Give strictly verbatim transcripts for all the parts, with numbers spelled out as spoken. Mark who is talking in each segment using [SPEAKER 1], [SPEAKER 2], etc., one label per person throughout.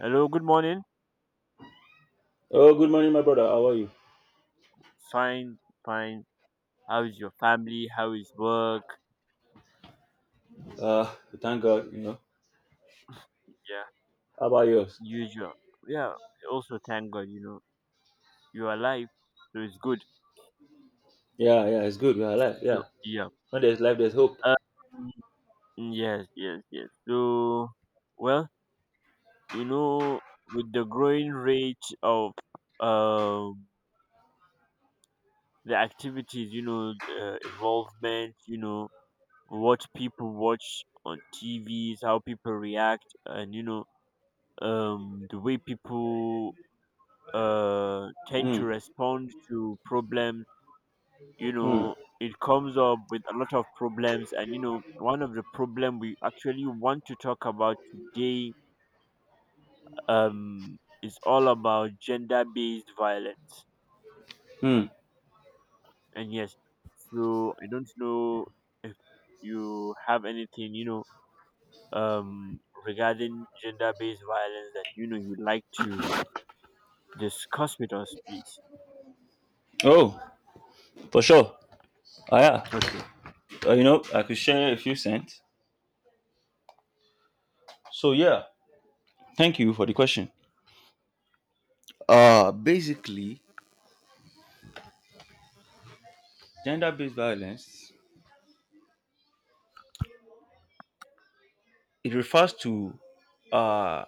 [SPEAKER 1] Hello, good morning.
[SPEAKER 2] Oh, good morning, my brother. How are you?
[SPEAKER 1] Fine, fine. How is your family? How is work?
[SPEAKER 2] Uh, thank God, you know.
[SPEAKER 1] Yeah,
[SPEAKER 2] How about yours?
[SPEAKER 1] usual. Yeah, also thank God, you know, you're alive, so it's good.
[SPEAKER 2] Yeah, yeah, it's good. We are alive.
[SPEAKER 1] So,
[SPEAKER 2] Yeah.
[SPEAKER 1] yeah.
[SPEAKER 2] When there's life, there's hope.
[SPEAKER 1] Um, yes, yes, yes. So, well, you know, with the growing rate of um the activities, you know, uh, involvement, you know, what people watch on T Vs, how people react, and you know, um the way people uh, tend
[SPEAKER 2] Mm,
[SPEAKER 1] to respond to problems. You
[SPEAKER 2] mm,
[SPEAKER 1] know, it comes up with a lot of problems, and you know, one of the problem we actually want to talk about today um, is all about gender-based violence.
[SPEAKER 2] mm.
[SPEAKER 1] And yes, so I don't know if you have anything, you know, um, regarding gender-based violence that you know you'd like to discuss with us, please.
[SPEAKER 2] Oh, for sure. Ah, yeah.
[SPEAKER 1] Okay.
[SPEAKER 2] Uh, you know, I could share a few cents. So, yeah, thank you for the question. Uh, basically, gender based violence, it refers to uh,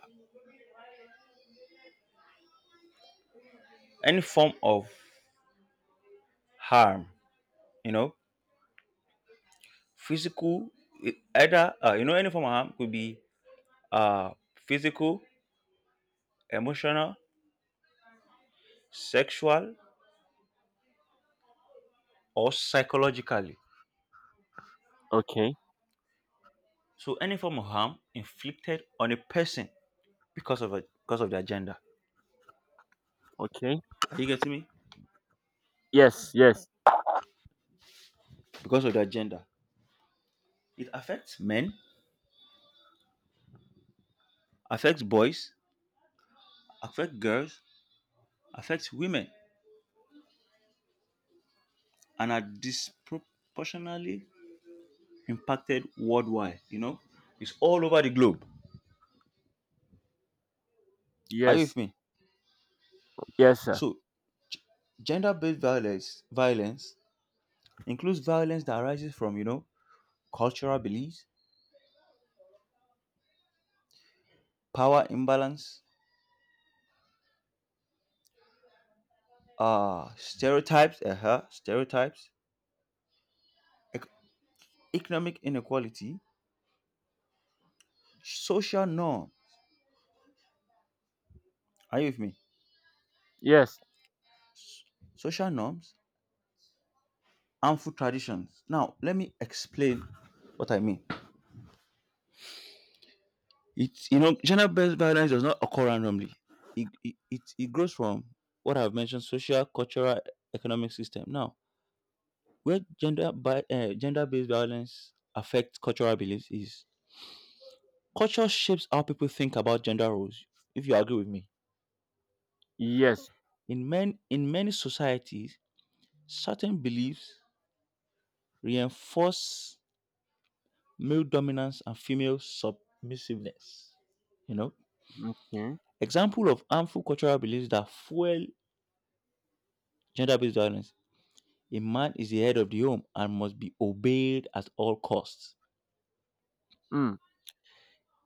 [SPEAKER 2] any form of harm, you know, physical, e- either, uh, you know, any form of harm could be uh, physical, emotional, sexual, or psychologically.
[SPEAKER 1] Okay.
[SPEAKER 2] So any form of harm inflicted on a person because of a, because of their gender.
[SPEAKER 1] Okay.
[SPEAKER 2] Are you getting me?
[SPEAKER 1] Yes. Yes.
[SPEAKER 2] Because of their gender. It affects men, affects boys, affects girls, affects women, and are disproportionately impacted worldwide. You know, it's all over the globe. Are you with
[SPEAKER 1] Yes.
[SPEAKER 2] me?
[SPEAKER 1] Yes, sir.
[SPEAKER 2] So gender-based violence violence includes violence that arises from, you know, cultural beliefs, power imbalance, uh, stereotypes, uh-huh, stereotypes, ec- economic inequality, social norm. Are you with me?
[SPEAKER 1] Yes.
[SPEAKER 2] Social norms, harmful traditions. Now, let me explain what I mean. It's you know, gender-based violence does not occur randomly. It it, it, it grows from what I've mentioned: social, cultural, economic system. Now, where gender by uh, gender-based violence affects cultural beliefs is culture shapes how people think about gender roles. If you agree with me.
[SPEAKER 1] Yes.
[SPEAKER 2] In, man, in many societies, certain beliefs reinforce male dominance and female submissiveness. You know,
[SPEAKER 1] Okay.
[SPEAKER 2] example of harmful cultural beliefs that fuel gender-based violence. A man is the head of the home and must be obeyed at all costs.
[SPEAKER 1] Mm.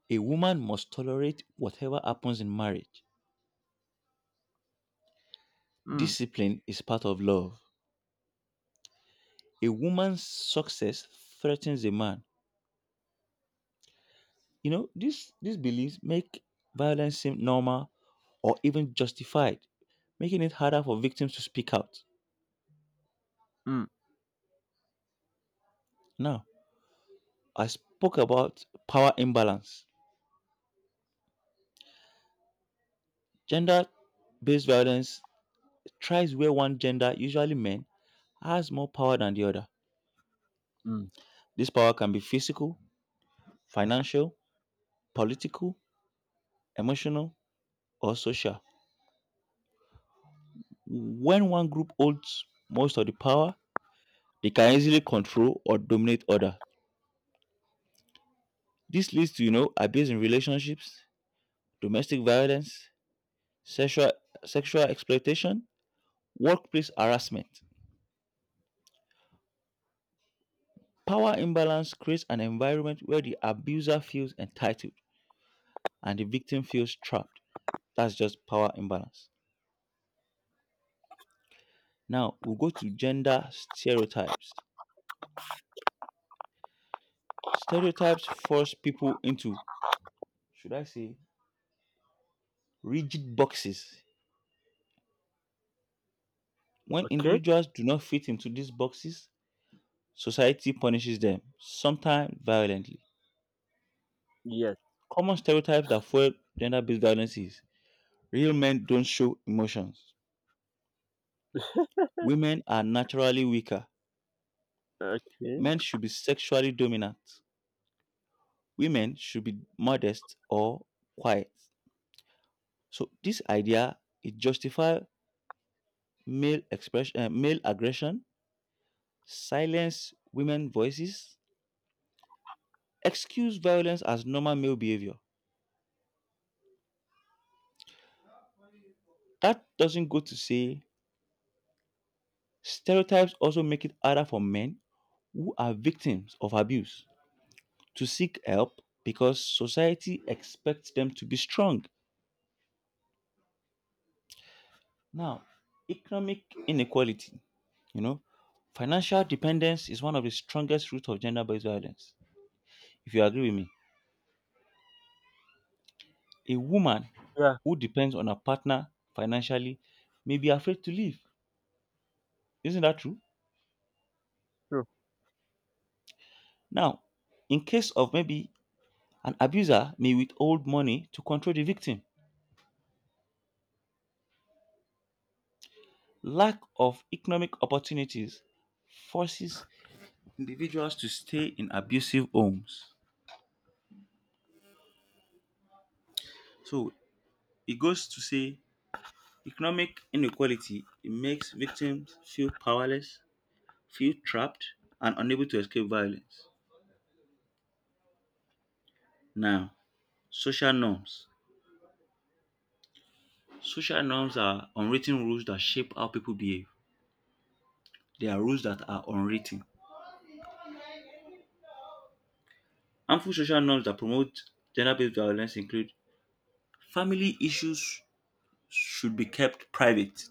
[SPEAKER 2] A woman must tolerate whatever happens in marriage.
[SPEAKER 1] Mm.
[SPEAKER 2] Discipline is part of love. A woman's success threatens a man. You know, these these beliefs make violence seem normal or even justified, making it harder for victims to speak out.
[SPEAKER 1] Mm.
[SPEAKER 2] Now, I spoke about power imbalance. Gender based violence thrives where one gender, usually men, has more power than the other.
[SPEAKER 1] Mm.
[SPEAKER 2] This power can be physical, financial, political, emotional, or social. When one group holds most of the power, they can easily control or dominate other. This leads to, you know, abuse in relationships, domestic violence, sexual, sexual exploitation, workplace harassment. Power imbalance creates an environment where the abuser feels entitled and the victim feels trapped. That's just power imbalance. Now we'll go to gender stereotypes. Stereotypes force people into, should I say, rigid boxes. When
[SPEAKER 1] Okay.
[SPEAKER 2] individuals do not fit into these boxes, society punishes them, sometimes violently.
[SPEAKER 1] Yes.
[SPEAKER 2] Common stereotypes that fuel gender based violence is: real men don't show emotions. Women are naturally weaker.
[SPEAKER 1] Okay.
[SPEAKER 2] Men should be sexually dominant. Women should be modest or quiet. So this idea it justifies male expression, uh, male aggression, silence women voices, excuse violence as normal male behavior. That doesn't go to say stereotypes also make it harder for men who are victims of abuse to seek help because society expects them to be strong. Now, economic inequality, you know, financial dependence is one of the strongest roots of gender based violence. If you agree with me, a woman
[SPEAKER 1] Yeah.
[SPEAKER 2] who depends on a partner financially may be afraid to leave. Isn't that true?
[SPEAKER 1] True.
[SPEAKER 2] Now, in case of maybe an abuser may withhold money to control the victim, lack of economic opportunities forces individuals to stay in abusive homes. So it goes to say economic inequality it makes victims feel powerless, feel trapped, and unable to escape violence. Now, social norms. Social norms are unwritten rules that shape how people behave. They are rules that are unwritten. Harmful social norms that promote gender based violence include: family issues should be kept private.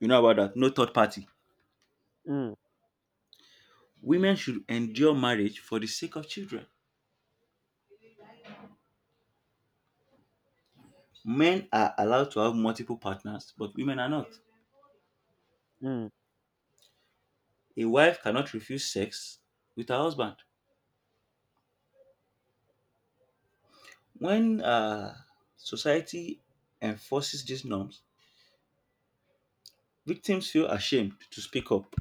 [SPEAKER 2] You know about that, no third party.
[SPEAKER 1] Mm.
[SPEAKER 2] Women should endure marriage for the sake of children. Men are allowed to have multiple partners, but women are not.
[SPEAKER 1] Mm.
[SPEAKER 2] A wife cannot refuse sex with her husband. When uh, society enforces these norms, victims feel ashamed to speak up.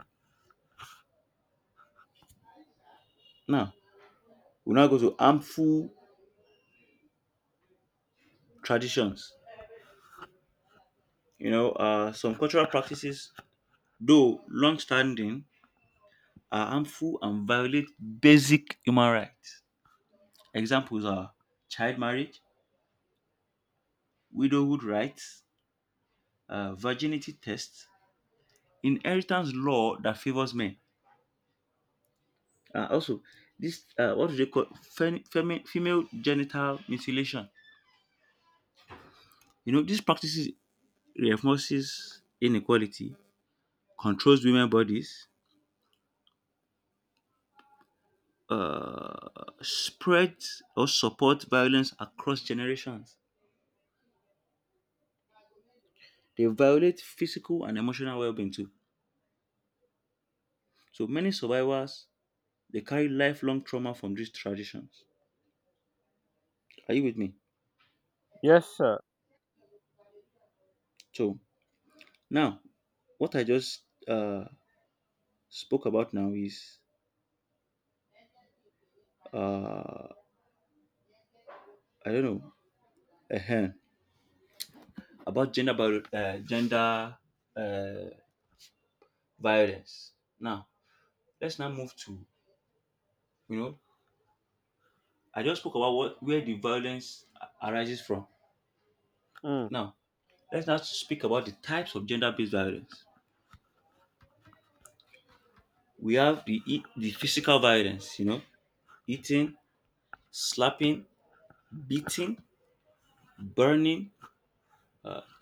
[SPEAKER 2] Now, we now go to harmful traditions. You know, uh, some cultural practices, though long standing, are harmful and violate basic human rights. Examples are child marriage, widowhood rights, uh, virginity tests, inheritance law that favors men. Uh, also, this uh, what do they call, fem- femi- female genital mutilation? You know, these practices reinforces inequality, controls women bodies, uh, spreads or support violence across generations. They violate physical and emotional well-being too. So many survivors they carry lifelong trauma from these traditions. Are you with me?
[SPEAKER 1] Yes, sir.
[SPEAKER 2] So now, what I just uh, spoke about now is, uh, I don't know. Uh-huh. About gender bio- uh, gender uh, violence. Now let's now move to, you know, I just spoke about what where the violence a- arises from.
[SPEAKER 1] Mm.
[SPEAKER 2] Now let's now speak about the types of gender-based violence. We have the e- the physical violence, you know, eating, slapping, beating, burning,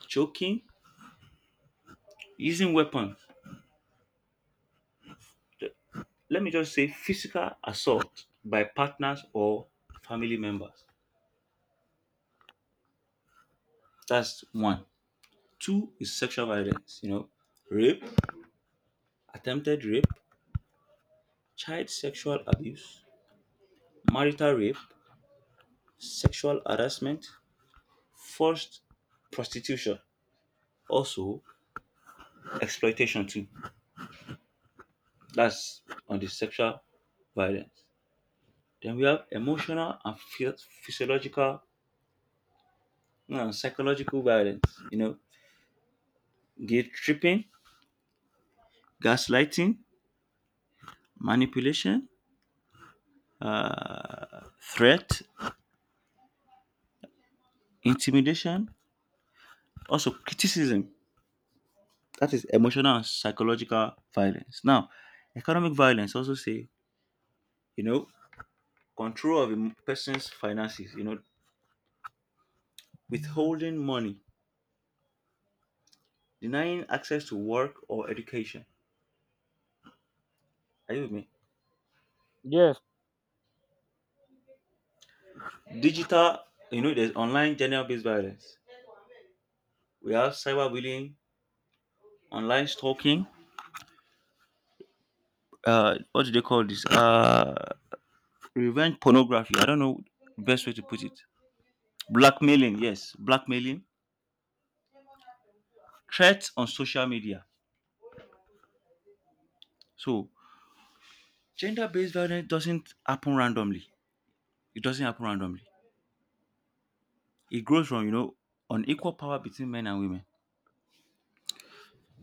[SPEAKER 2] choking, using weapons. Th- Let me just say physical assault by partners or family members. That's one. Two is sexual violence, you know, rape, attempted rape, child sexual abuse, marital rape, sexual harassment, forced prostitution, also exploitation too. That's on the sexual violence. Then we have emotional and phy- physiological and psychological violence, you know, guilt tripping, gaslighting, manipulation, uh, threat, intimidation, also criticism. That is emotional and psychological violence. Now, economic violence also say, you know, control of a person's finances, you know, withholding money, denying access to work or education. Are you with me?
[SPEAKER 1] Yes.
[SPEAKER 2] Digital, you know, there's online gender based violence. We have cyberbullying, online stalking, uh what do they call this? Uh revenge pornography. I don't know best way to put it. Blackmailing, yes, blackmailing. Threats on social media. So gender-based violence doesn't happen randomly. It doesn't happen randomly. It grows from, you know, unequal power between men and women.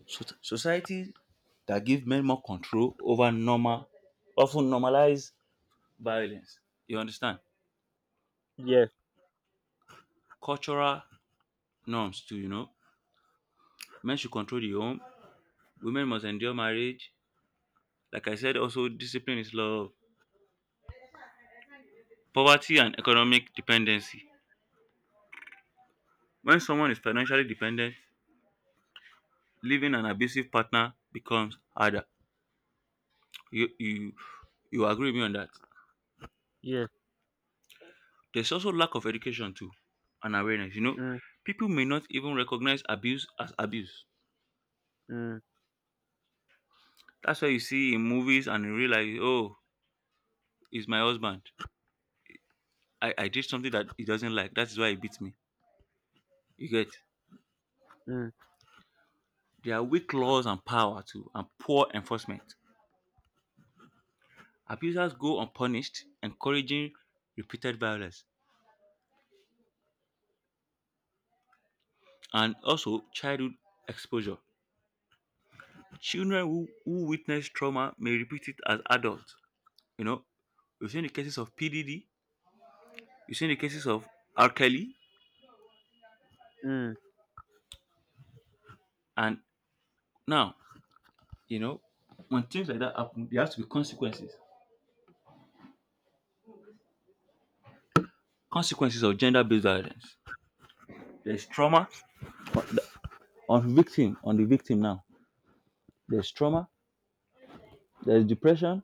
[SPEAKER 2] So- societies that give men more control over normal, often normalize violence. You understand?
[SPEAKER 1] Yes.
[SPEAKER 2] Cultural norms too. You know, men should control the home. Women must endure marriage. Like I said, also discipline is love. Poverty and economic dependency. When someone is financially dependent, leaving an abusive partner becomes harder. You you you agree with me on that.
[SPEAKER 1] Yes.
[SPEAKER 2] There's also lack of education too and awareness. You know,
[SPEAKER 1] Mm.
[SPEAKER 2] people may not even recognize abuse as abuse.
[SPEAKER 1] Mm.
[SPEAKER 2] That's why you see in movies and in real life, oh, it's my husband. I, I did something that he doesn't like. That is why he beats me. You get
[SPEAKER 1] Mm.
[SPEAKER 2] There are weak laws and power too and poor enforcement. Abusers go unpunished, encouraging repeated violence. And also childhood exposure. Children who, who witness trauma may repeat it as adults. You know, we've seen the cases of P D D, we've seen the cases of R. Kelly,
[SPEAKER 1] Mm.
[SPEAKER 2] and now, you know, when things like that happen, there has to be consequences. Consequences of gender-based violence. There's trauma on the on victim, on the victim now. There's trauma, there's depression,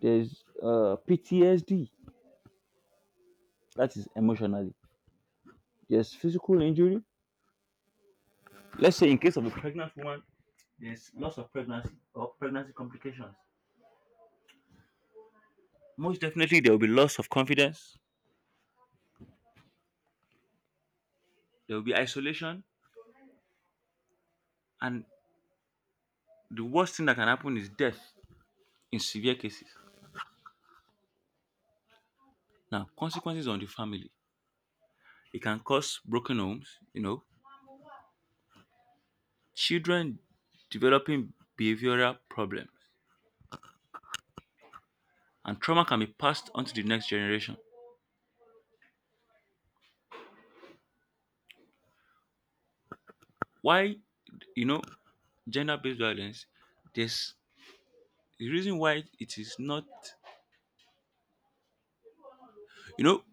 [SPEAKER 2] there's uh, P T S D, that is emotionally. There's physical injury. Let's say in case of a pregnant woman, there's loss of pregnancy or pregnancy complications. Most definitely, there will be loss of confidence, there will be isolation, and the worst thing that can happen is death in severe cases. Now, consequences on the family. It can cause broken homes, you know, children developing behavioral problems, and trauma can be passed on to the next generation. Why, you know, gender based violence, there's the reason why it is not, you know,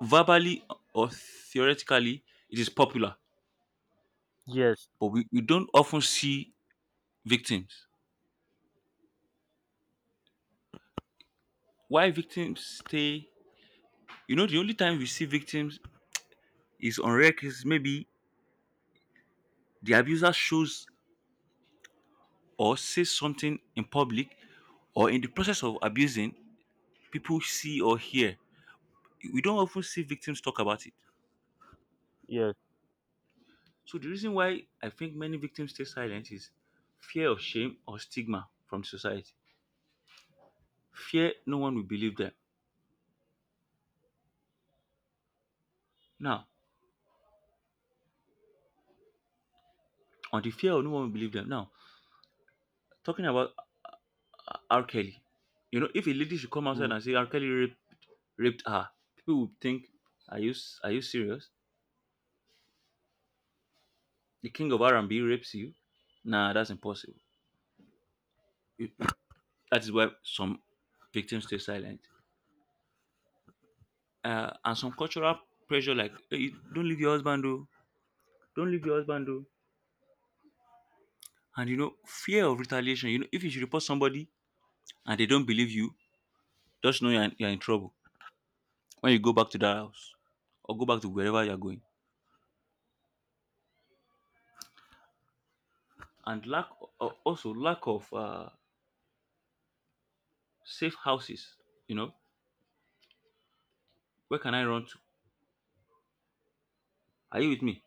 [SPEAKER 2] verbally or theoretically, it is popular,
[SPEAKER 1] Yes.
[SPEAKER 2] but we, we don't often see victims. Why victims stay, you know, the only time we see victims is on rare cases, maybe the abuser shows or says something in public, or in the process of abusing people see or hear. We don't often see victims talk about it.
[SPEAKER 1] Yes.
[SPEAKER 2] So the reason why I think many victims stay silent is fear of shame or stigma from society, fear no one will believe them. Now, on the fear of no one will believe them, now talking about R. Kelly, you know, if a lady should come outside
[SPEAKER 1] Mm.
[SPEAKER 2] and say R. Kelly raped, raped her, people would think, are you s- are you serious? The king of R and B rapes you? Nah, that's impossible. You- That is why some victims stay silent. Uh, and some cultural pressure like, hey, don't leave your husband, though. Don't leave your husband, though. And you know, fear of retaliation. You know, if you should report somebody and they don't believe you, just know you're in, you're in trouble when you go back to that house or go back to wherever you're going. And lack, uh, also lack of uh, safe houses. You know, where can I run to? Are you with me?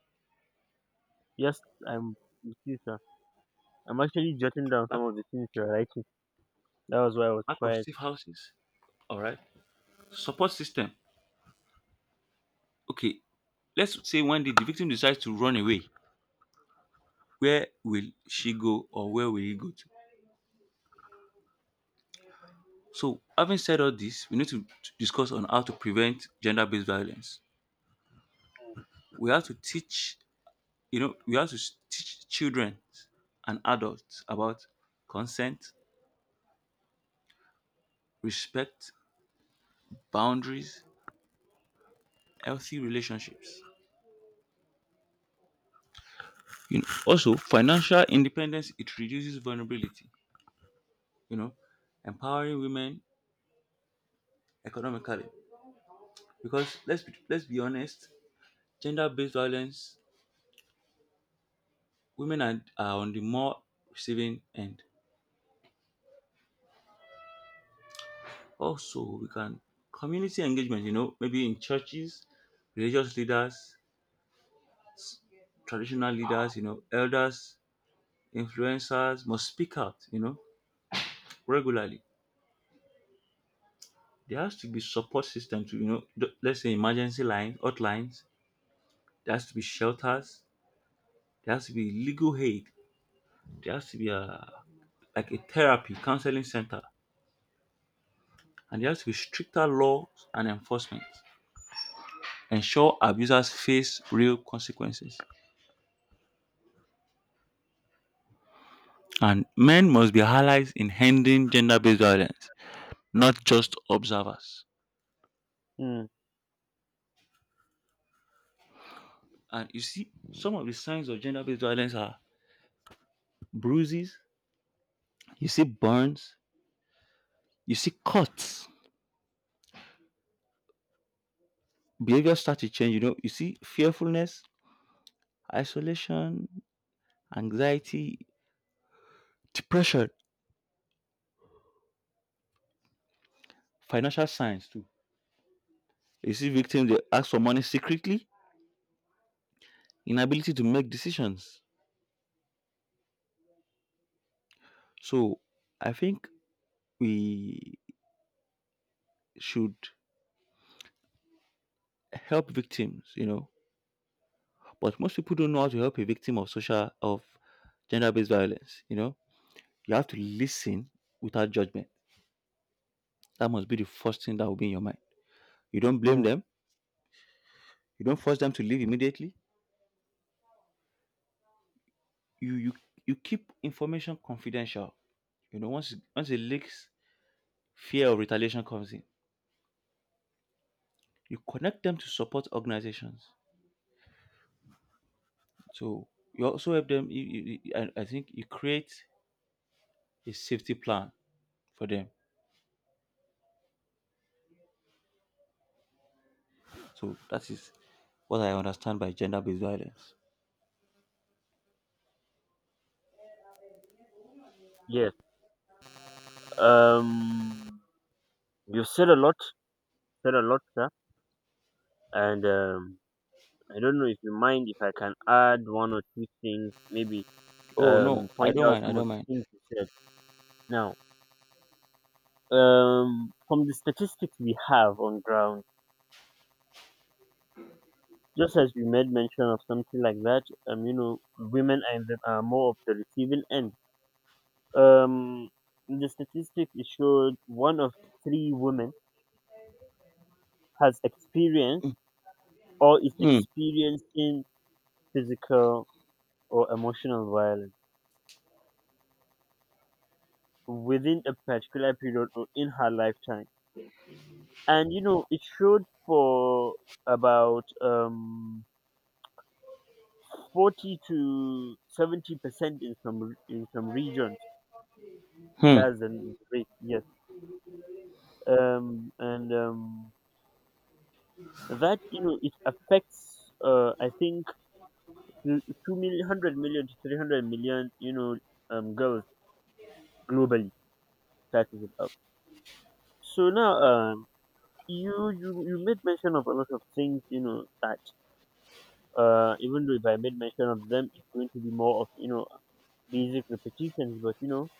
[SPEAKER 1] Yes. I'm with you, sir. I'm actually jotting down some
[SPEAKER 2] Lack,
[SPEAKER 1] of the things you're writing. That was why I was
[SPEAKER 2] lack of
[SPEAKER 1] quiet.
[SPEAKER 2] safe houses. All right. Support system. Okay, let's say one day the victim decides to run away. Where will she go, or where will he go to? So, having said all this, we need to to discuss on how to prevent gender based violence. We have to teach, you know, we have to s- teach children and adults about consent, respect, boundaries, healthy relationships. You know, also, financial independence it reduces vulnerability. You know, empowering women economically, because let's be, let's be honest, gender based violence, women are, are on the more receiving end. Also, we can community engagement, you know, maybe in churches, religious leaders, traditional leaders, you know, elders, influencers must speak out, you know, regularly. There has to be support system to, you know, th- let's say emergency lines, hotlines. There has to be shelters. There has to be legal aid. There has to be a like a therapy counseling center, and there has to be stricter laws and enforcement. Ensure abusers face real consequences. And men must be allies in ending gender based violence, not just observers.
[SPEAKER 1] Mm.
[SPEAKER 2] And you see, some of the signs of gender based violence are bruises, you see burns, you see cuts, behavior start to change. You know, you see fearfulness, isolation, anxiety, depression, financial signs too. You see victims, they ask for money secretly, inability to make decisions. So I think we should help victims, you know. But most people don't know how to help a victim of social of gender-based violence, you know. You have to listen without judgment. That must be the first thing that will be in your mind. You don't blame
[SPEAKER 1] Mm.
[SPEAKER 2] them, you don't force them to leave immediately. You you you keep information confidential. You know, once once it leaks, fear of retaliation comes in. You connect them to support organizations. So you also help them. You, you, you- I, I think you create a safety plan for them. So that is what I understand by gender-based violence.
[SPEAKER 1] Yes. Um. You said a lot. Said a lot, sir. And um. I don't know if you mind if I can add one or two things, maybe
[SPEAKER 2] Oh no,
[SPEAKER 1] um,
[SPEAKER 2] I
[SPEAKER 1] point
[SPEAKER 2] don't
[SPEAKER 1] out
[SPEAKER 2] mind. I
[SPEAKER 1] some of
[SPEAKER 2] don't
[SPEAKER 1] the
[SPEAKER 2] mind.
[SPEAKER 1] things you said. Now, um, from the statistics we have on ground, just as you made mention of something like that, um, you know, women are, in the, are more of the receiving end. Um, in the statistics it showed one of three women has experienced or is
[SPEAKER 2] Hmm.
[SPEAKER 1] experiencing physical or emotional violence within a particular period or in her lifetime. And you know it showed for about um forty to seventy percent in some re- in some regions.
[SPEAKER 2] Hmm.
[SPEAKER 1] That's the rate. Yes um and um that you know, it affects uh I think l- two million one hundred million to three hundred million, you know, um girls globally. That is it up. So now, um you you you made mention of a lot of things, you know. That uh Even though if I made mention of them, it's going to be more of, you know, basic repetitions, but you know,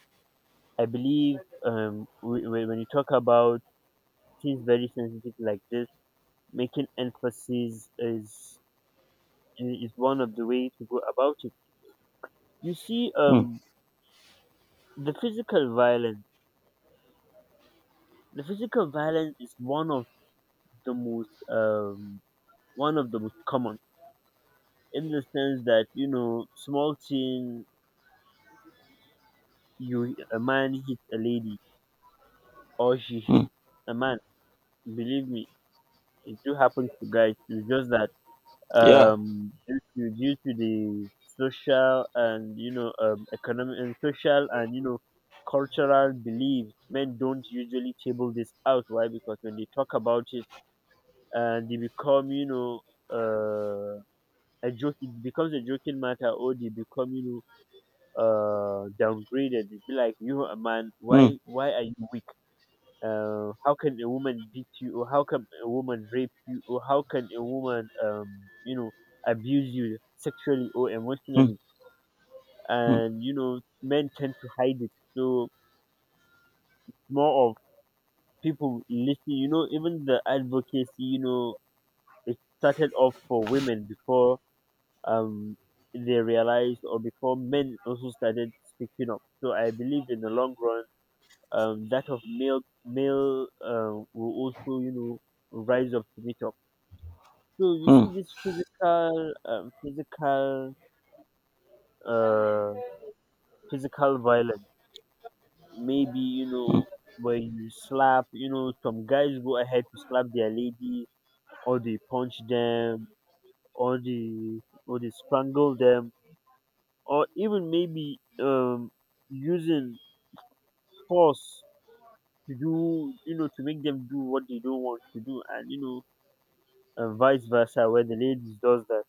[SPEAKER 1] I believe, um, w- when you talk about things very sensitive like this, making emphasis is is one of the way to go about it. You see,
[SPEAKER 2] Hmm.
[SPEAKER 1] um, the physical violence, the physical violence is one of the most um, one of the most common, in the sense that you know, small thing, you a man hits a lady, or she
[SPEAKER 2] Hmm.
[SPEAKER 1] hits a man. Believe me, it do happen to guys. It's just that
[SPEAKER 2] Yeah.
[SPEAKER 1] um, due to due to the social and, you know, um, economic and social and, you know, cultural beliefs. Men don't usually table this out. Why? Because when they talk about it and they become, you know, uh, a joke. It becomes a joking matter, or they become, you know, uh, downgraded. They be like, you are a man,
[SPEAKER 2] Hmm.
[SPEAKER 1] why why are you weak? Uh, how can a woman beat you, or how can a woman rape you, or how can a woman, um, you know, abuse you sexually or
[SPEAKER 2] Hmm.
[SPEAKER 1] emotionally?
[SPEAKER 2] Hmm.
[SPEAKER 1] And you know, men tend to hide it. So more of people listening. You know, even the advocacy. You know, it started off for women before um they realized, or before men also started speaking up. So I believe in the long run, um, that of male male uh, will also, you know, rise up to meet up. So you
[SPEAKER 2] Hmm.
[SPEAKER 1] see this physical, um, physical, uh, physical violence. Maybe you
[SPEAKER 2] Hmm.
[SPEAKER 1] know where you slap. You know some guys go ahead to slap their lady, or they punch them, or they or they strangle them, or even maybe um using force to do, you know, to make them do what they don't want to do, and you know, and vice versa where the ladies does that.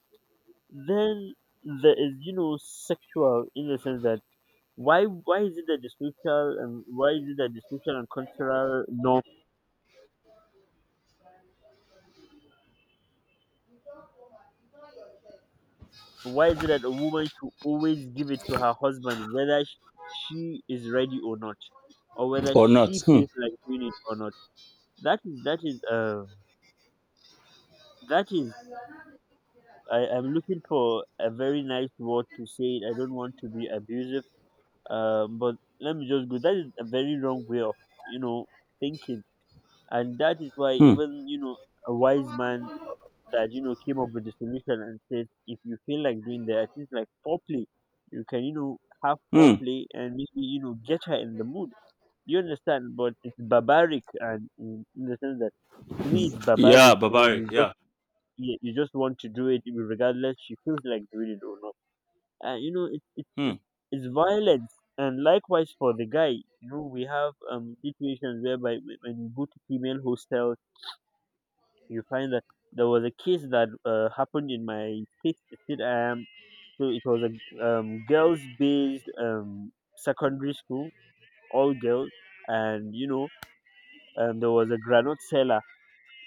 [SPEAKER 1] Then there is, you know, sexual, in the sense that Why why is it that the social and why is it that the social and cultural norm? Why is it that a woman should always give it to her husband whether sh- she is ready or not, or whether
[SPEAKER 2] Or not.
[SPEAKER 1] she
[SPEAKER 2] Hmm.
[SPEAKER 1] feels like doing it or not? That is that is uh that is I am looking for a very nice word to say it. I don't want to be abusive. Um, but let me just go. That is a very wrong way of, you know, thinking, and that is why
[SPEAKER 2] Hmm.
[SPEAKER 1] even, you know, a wise man that, you know, came up with the solution and said if you feel like doing that, at least like foreplay, you can, you know, have
[SPEAKER 2] Hmm.
[SPEAKER 1] foreplay and maybe, you know, get her in the mood. You understand? But it's barbaric, and in, in the sense that to me it's
[SPEAKER 2] Yeah,
[SPEAKER 1] barbaric. You know,
[SPEAKER 2] barbaric.
[SPEAKER 1] you just
[SPEAKER 2] Yeah.
[SPEAKER 1] you you just want to do it regardless she feels like doing it or not. And you know, it, it,
[SPEAKER 2] Hmm.
[SPEAKER 1] it's it's violence. And likewise for the guy, you know, we have um situations whereby when when you go to female hostels you find that there was a case that uh, happened in my state. State I am. So it was a um, girls-based um, secondary school, all girls, and you know, um, there was a granite seller.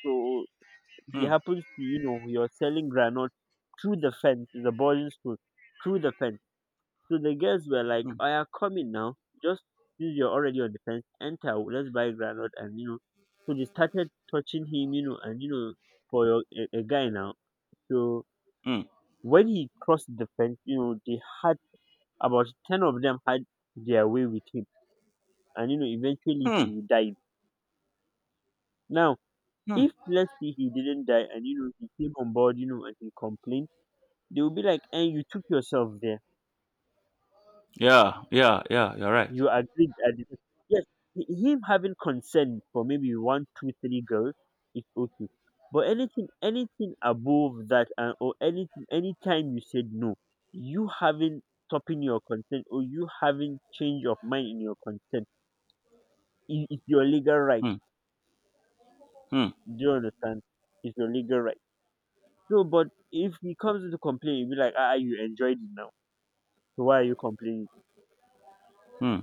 [SPEAKER 1] So he
[SPEAKER 2] Hmm.
[SPEAKER 1] happens to, you know, you're selling granite through the fence. It's a boarding school through the fence. So the girls were like,
[SPEAKER 2] Hmm.
[SPEAKER 1] "I are coming now. Just since you're already on the fence, enter. Let's buy granite." And you know, so they started touching him, you know, and you know, for your, a, a guy now. So
[SPEAKER 2] Hmm.
[SPEAKER 1] when he crossed the fence, you know, they had about ten of them had their way with him. And, you know, eventually
[SPEAKER 2] Hmm.
[SPEAKER 1] he died. Now,
[SPEAKER 2] Hmm.
[SPEAKER 1] if let's say he didn't die and, you know, he came on board, you know, and he complained, they will be like, and you took yourself there.
[SPEAKER 2] Yeah. Yeah. Yeah. You're right.
[SPEAKER 1] You agreed at the yes, h- him having consent for maybe one, two, three girls is okay. But anything anything above that, and or anything, anytime you said no, you having stopping your consent, or you having change of mind in your consent i- is your legal right.
[SPEAKER 2] Hmm. Hmm.
[SPEAKER 1] Do you understand? It's your legal right. So but if he comes to complain, you'll be like, ah, you enjoyed it now. So why are you complaining?
[SPEAKER 2] Hmm.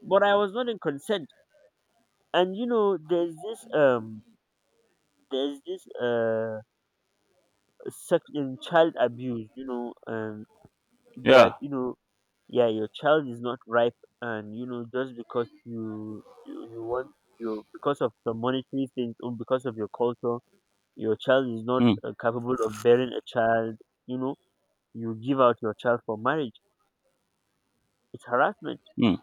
[SPEAKER 1] But I was not in consent. And you know, there's this um there's this uh sex um, child abuse, you know, um that
[SPEAKER 2] Yeah.
[SPEAKER 1] you know, yeah, your child is not ripe, and you know, just because you you, you want, you, because of the monetary things or because of your culture, your child is not
[SPEAKER 2] Hmm.
[SPEAKER 1] uh, capable of bearing a child, you know, you give out your child for marriage. It's harassment.
[SPEAKER 2] Hmm.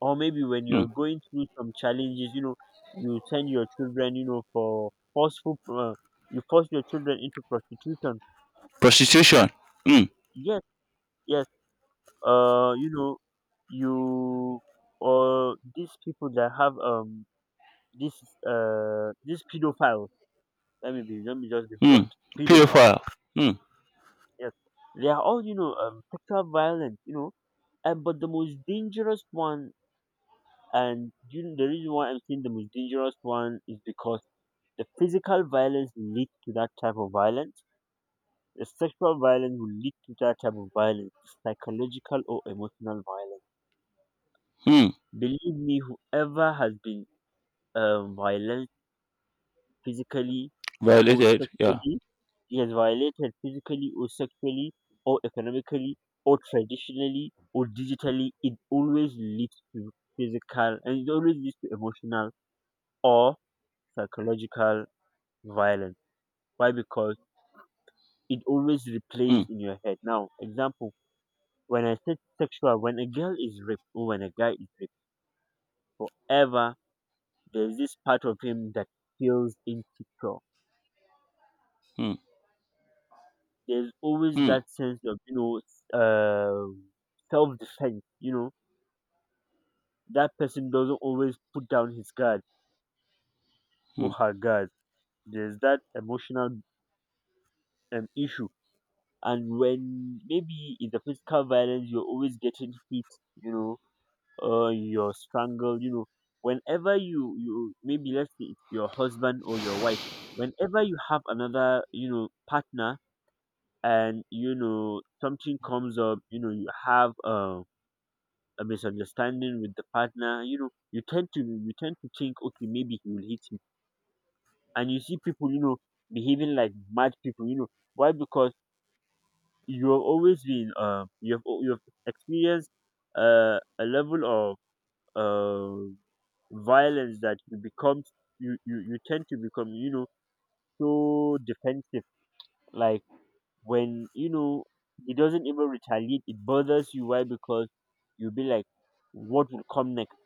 [SPEAKER 1] Or maybe when
[SPEAKER 2] Hmm.
[SPEAKER 1] you're going through some challenges, you know, you send your children, you know, for forceful uh, you force your children into prostitution.
[SPEAKER 2] Prostitution. Hmm.
[SPEAKER 1] Yes. Yes. Uh you know, you or these people that have um this uh these pedophiles, let me be, let me just be
[SPEAKER 2] Hmm.
[SPEAKER 1] blunt, pedophiles,
[SPEAKER 2] Pedophile. Hmm.
[SPEAKER 1] yes, they are all, you know, um sexual violence, you know. And but the most dangerous one, and you know, the reason why I'm saying the most dangerous one is because the physical violence leads to that type of violence, the sexual violence will lead to that type of violence, psychological or emotional violence.
[SPEAKER 2] Hmm.
[SPEAKER 1] Believe me, whoever has been uh, violence physically or
[SPEAKER 2] Violated. Yeah.
[SPEAKER 1] sexually. He has violated physically or sexually or economically or traditionally or digitally. It always leads to physical, and it always leads to emotional or psychological violence. Why? Because it always
[SPEAKER 2] Hmm.
[SPEAKER 1] replays in your head. Now, example, when I said sexual, when a girl is raped or when a guy is raped, forever there's this part of him that feels insecure.
[SPEAKER 2] Hmm.
[SPEAKER 1] There's always
[SPEAKER 2] Hmm.
[SPEAKER 1] that sense of, you know, um self defense, you know, that person doesn't always put down his guard
[SPEAKER 2] Hmm.
[SPEAKER 1] or her guard. There's that emotional um, issue. And when maybe in the physical violence you're always getting hit, you know, or you're strangled, you know, whenever you you maybe, let's say it's your husband or your wife, whenever you have another, you know, partner, and you know, something comes up, you know, you have um a misunderstanding with the partner, you know, you tend to you tend to think, okay, maybe he will hit me. And you see people, you know, behaving like mad people, you know. Why? Because you have always been uh, you have al- you have experienced uh, a level of uh, violence that you become you, you you tend to become, you know, so defensive. Like when you know he doesn't even retaliate, it bothers you. Why? Because you'll be like, what will come next?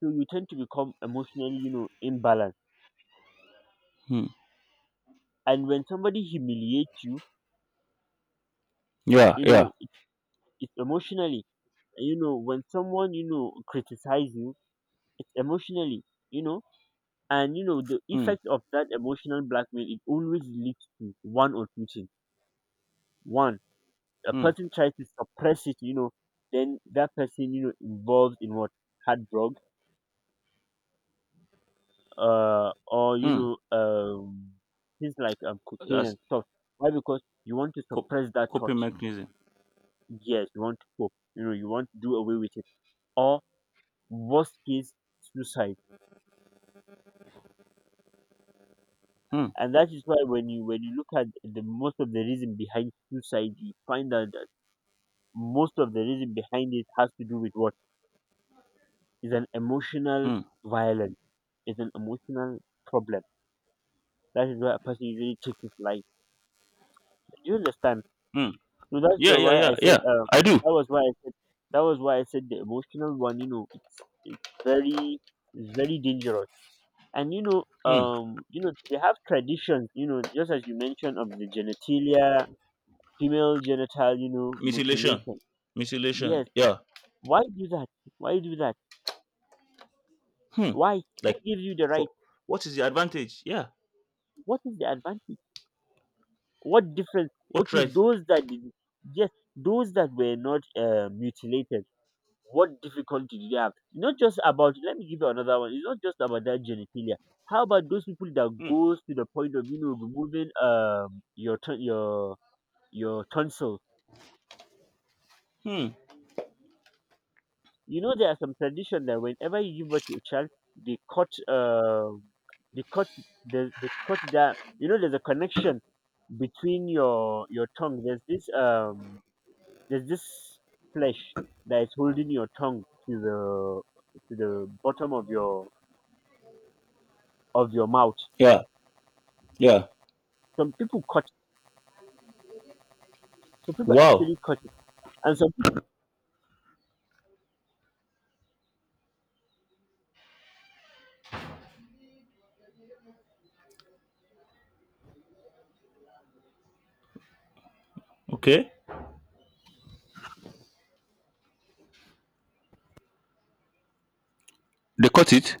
[SPEAKER 1] So you tend to become emotionally, you know, imbalanced.
[SPEAKER 2] Hmm.
[SPEAKER 1] And when somebody humiliates you,
[SPEAKER 2] Yeah,
[SPEAKER 1] you
[SPEAKER 2] yeah.
[SPEAKER 1] know, it, it's emotionally. And, you know, when someone, you know, criticizes you, it's emotionally, you know. And, you know, the
[SPEAKER 2] Hmm.
[SPEAKER 1] effect of that emotional blackmail, it always leads to one or two things. One, a
[SPEAKER 2] Hmm.
[SPEAKER 1] person tries to suppress it, you know, then that person, you know, involved in what? Hard drugs, uh, or, you
[SPEAKER 2] Hmm.
[SPEAKER 1] know, um, things like um, cocaine
[SPEAKER 2] That's
[SPEAKER 1] and stuff. Why? Because you want to
[SPEAKER 2] cop-
[SPEAKER 1] suppress that thought.
[SPEAKER 2] coping mechanism.
[SPEAKER 1] Yes, you want to cope. You know, you want to do away with it. Or worst case, suicide.
[SPEAKER 2] Hmm.
[SPEAKER 1] And that is why when you when you look at the most of the reason behind suicide, you find out that most of the reason behind it has to do with what is an emotional
[SPEAKER 2] Hmm.
[SPEAKER 1] violence. It's an emotional problem. That is why a person usually takes his life. Do you understand?
[SPEAKER 2] Hmm.
[SPEAKER 1] So that's
[SPEAKER 2] Yeah,
[SPEAKER 1] the
[SPEAKER 2] yeah,
[SPEAKER 1] why I
[SPEAKER 2] yeah,
[SPEAKER 1] said
[SPEAKER 2] yeah.
[SPEAKER 1] uh,
[SPEAKER 2] I do.
[SPEAKER 1] that was why I said that was why I said the emotional one. You know, it's it's very it's very dangerous. And you know,
[SPEAKER 2] Hmm.
[SPEAKER 1] um you know, they have traditions, you know, just as you mentioned of the genitalia, female genital, you know,
[SPEAKER 2] Mutilation,
[SPEAKER 1] mutilation.
[SPEAKER 2] mutilation.
[SPEAKER 1] Yes.
[SPEAKER 2] Yeah.
[SPEAKER 1] Why do that? Why do that?
[SPEAKER 2] Hmm.
[SPEAKER 1] Why? Who
[SPEAKER 2] Like,
[SPEAKER 1] gives you the
[SPEAKER 2] for
[SPEAKER 1] right?
[SPEAKER 2] what is the advantage? Yeah.
[SPEAKER 1] What is the advantage? What difference?
[SPEAKER 2] What
[SPEAKER 1] Okay,
[SPEAKER 2] right?
[SPEAKER 1] those that did, yes, those that were not uh, mutilated, what difficulty did they have? Not just about, let me give you another one, it's not just about that genitalia. How about those people that
[SPEAKER 2] Hmm.
[SPEAKER 1] goes to the point of, you know, removing um your ton- your your tonsils?
[SPEAKER 2] Hmm.
[SPEAKER 1] You know, there are some tradition that whenever you give birth to a child, they cut, uh, they cut, the they cut that. You know, there's a connection between your your tongue. There's this um, there's this flesh that is holding your tongue to the to the bottom of your of your mouth.
[SPEAKER 2] Yeah. Yeah.
[SPEAKER 1] Some people cut. Some people
[SPEAKER 2] Wow.
[SPEAKER 1] actually cut it, and some
[SPEAKER 2] Okay. They cut it.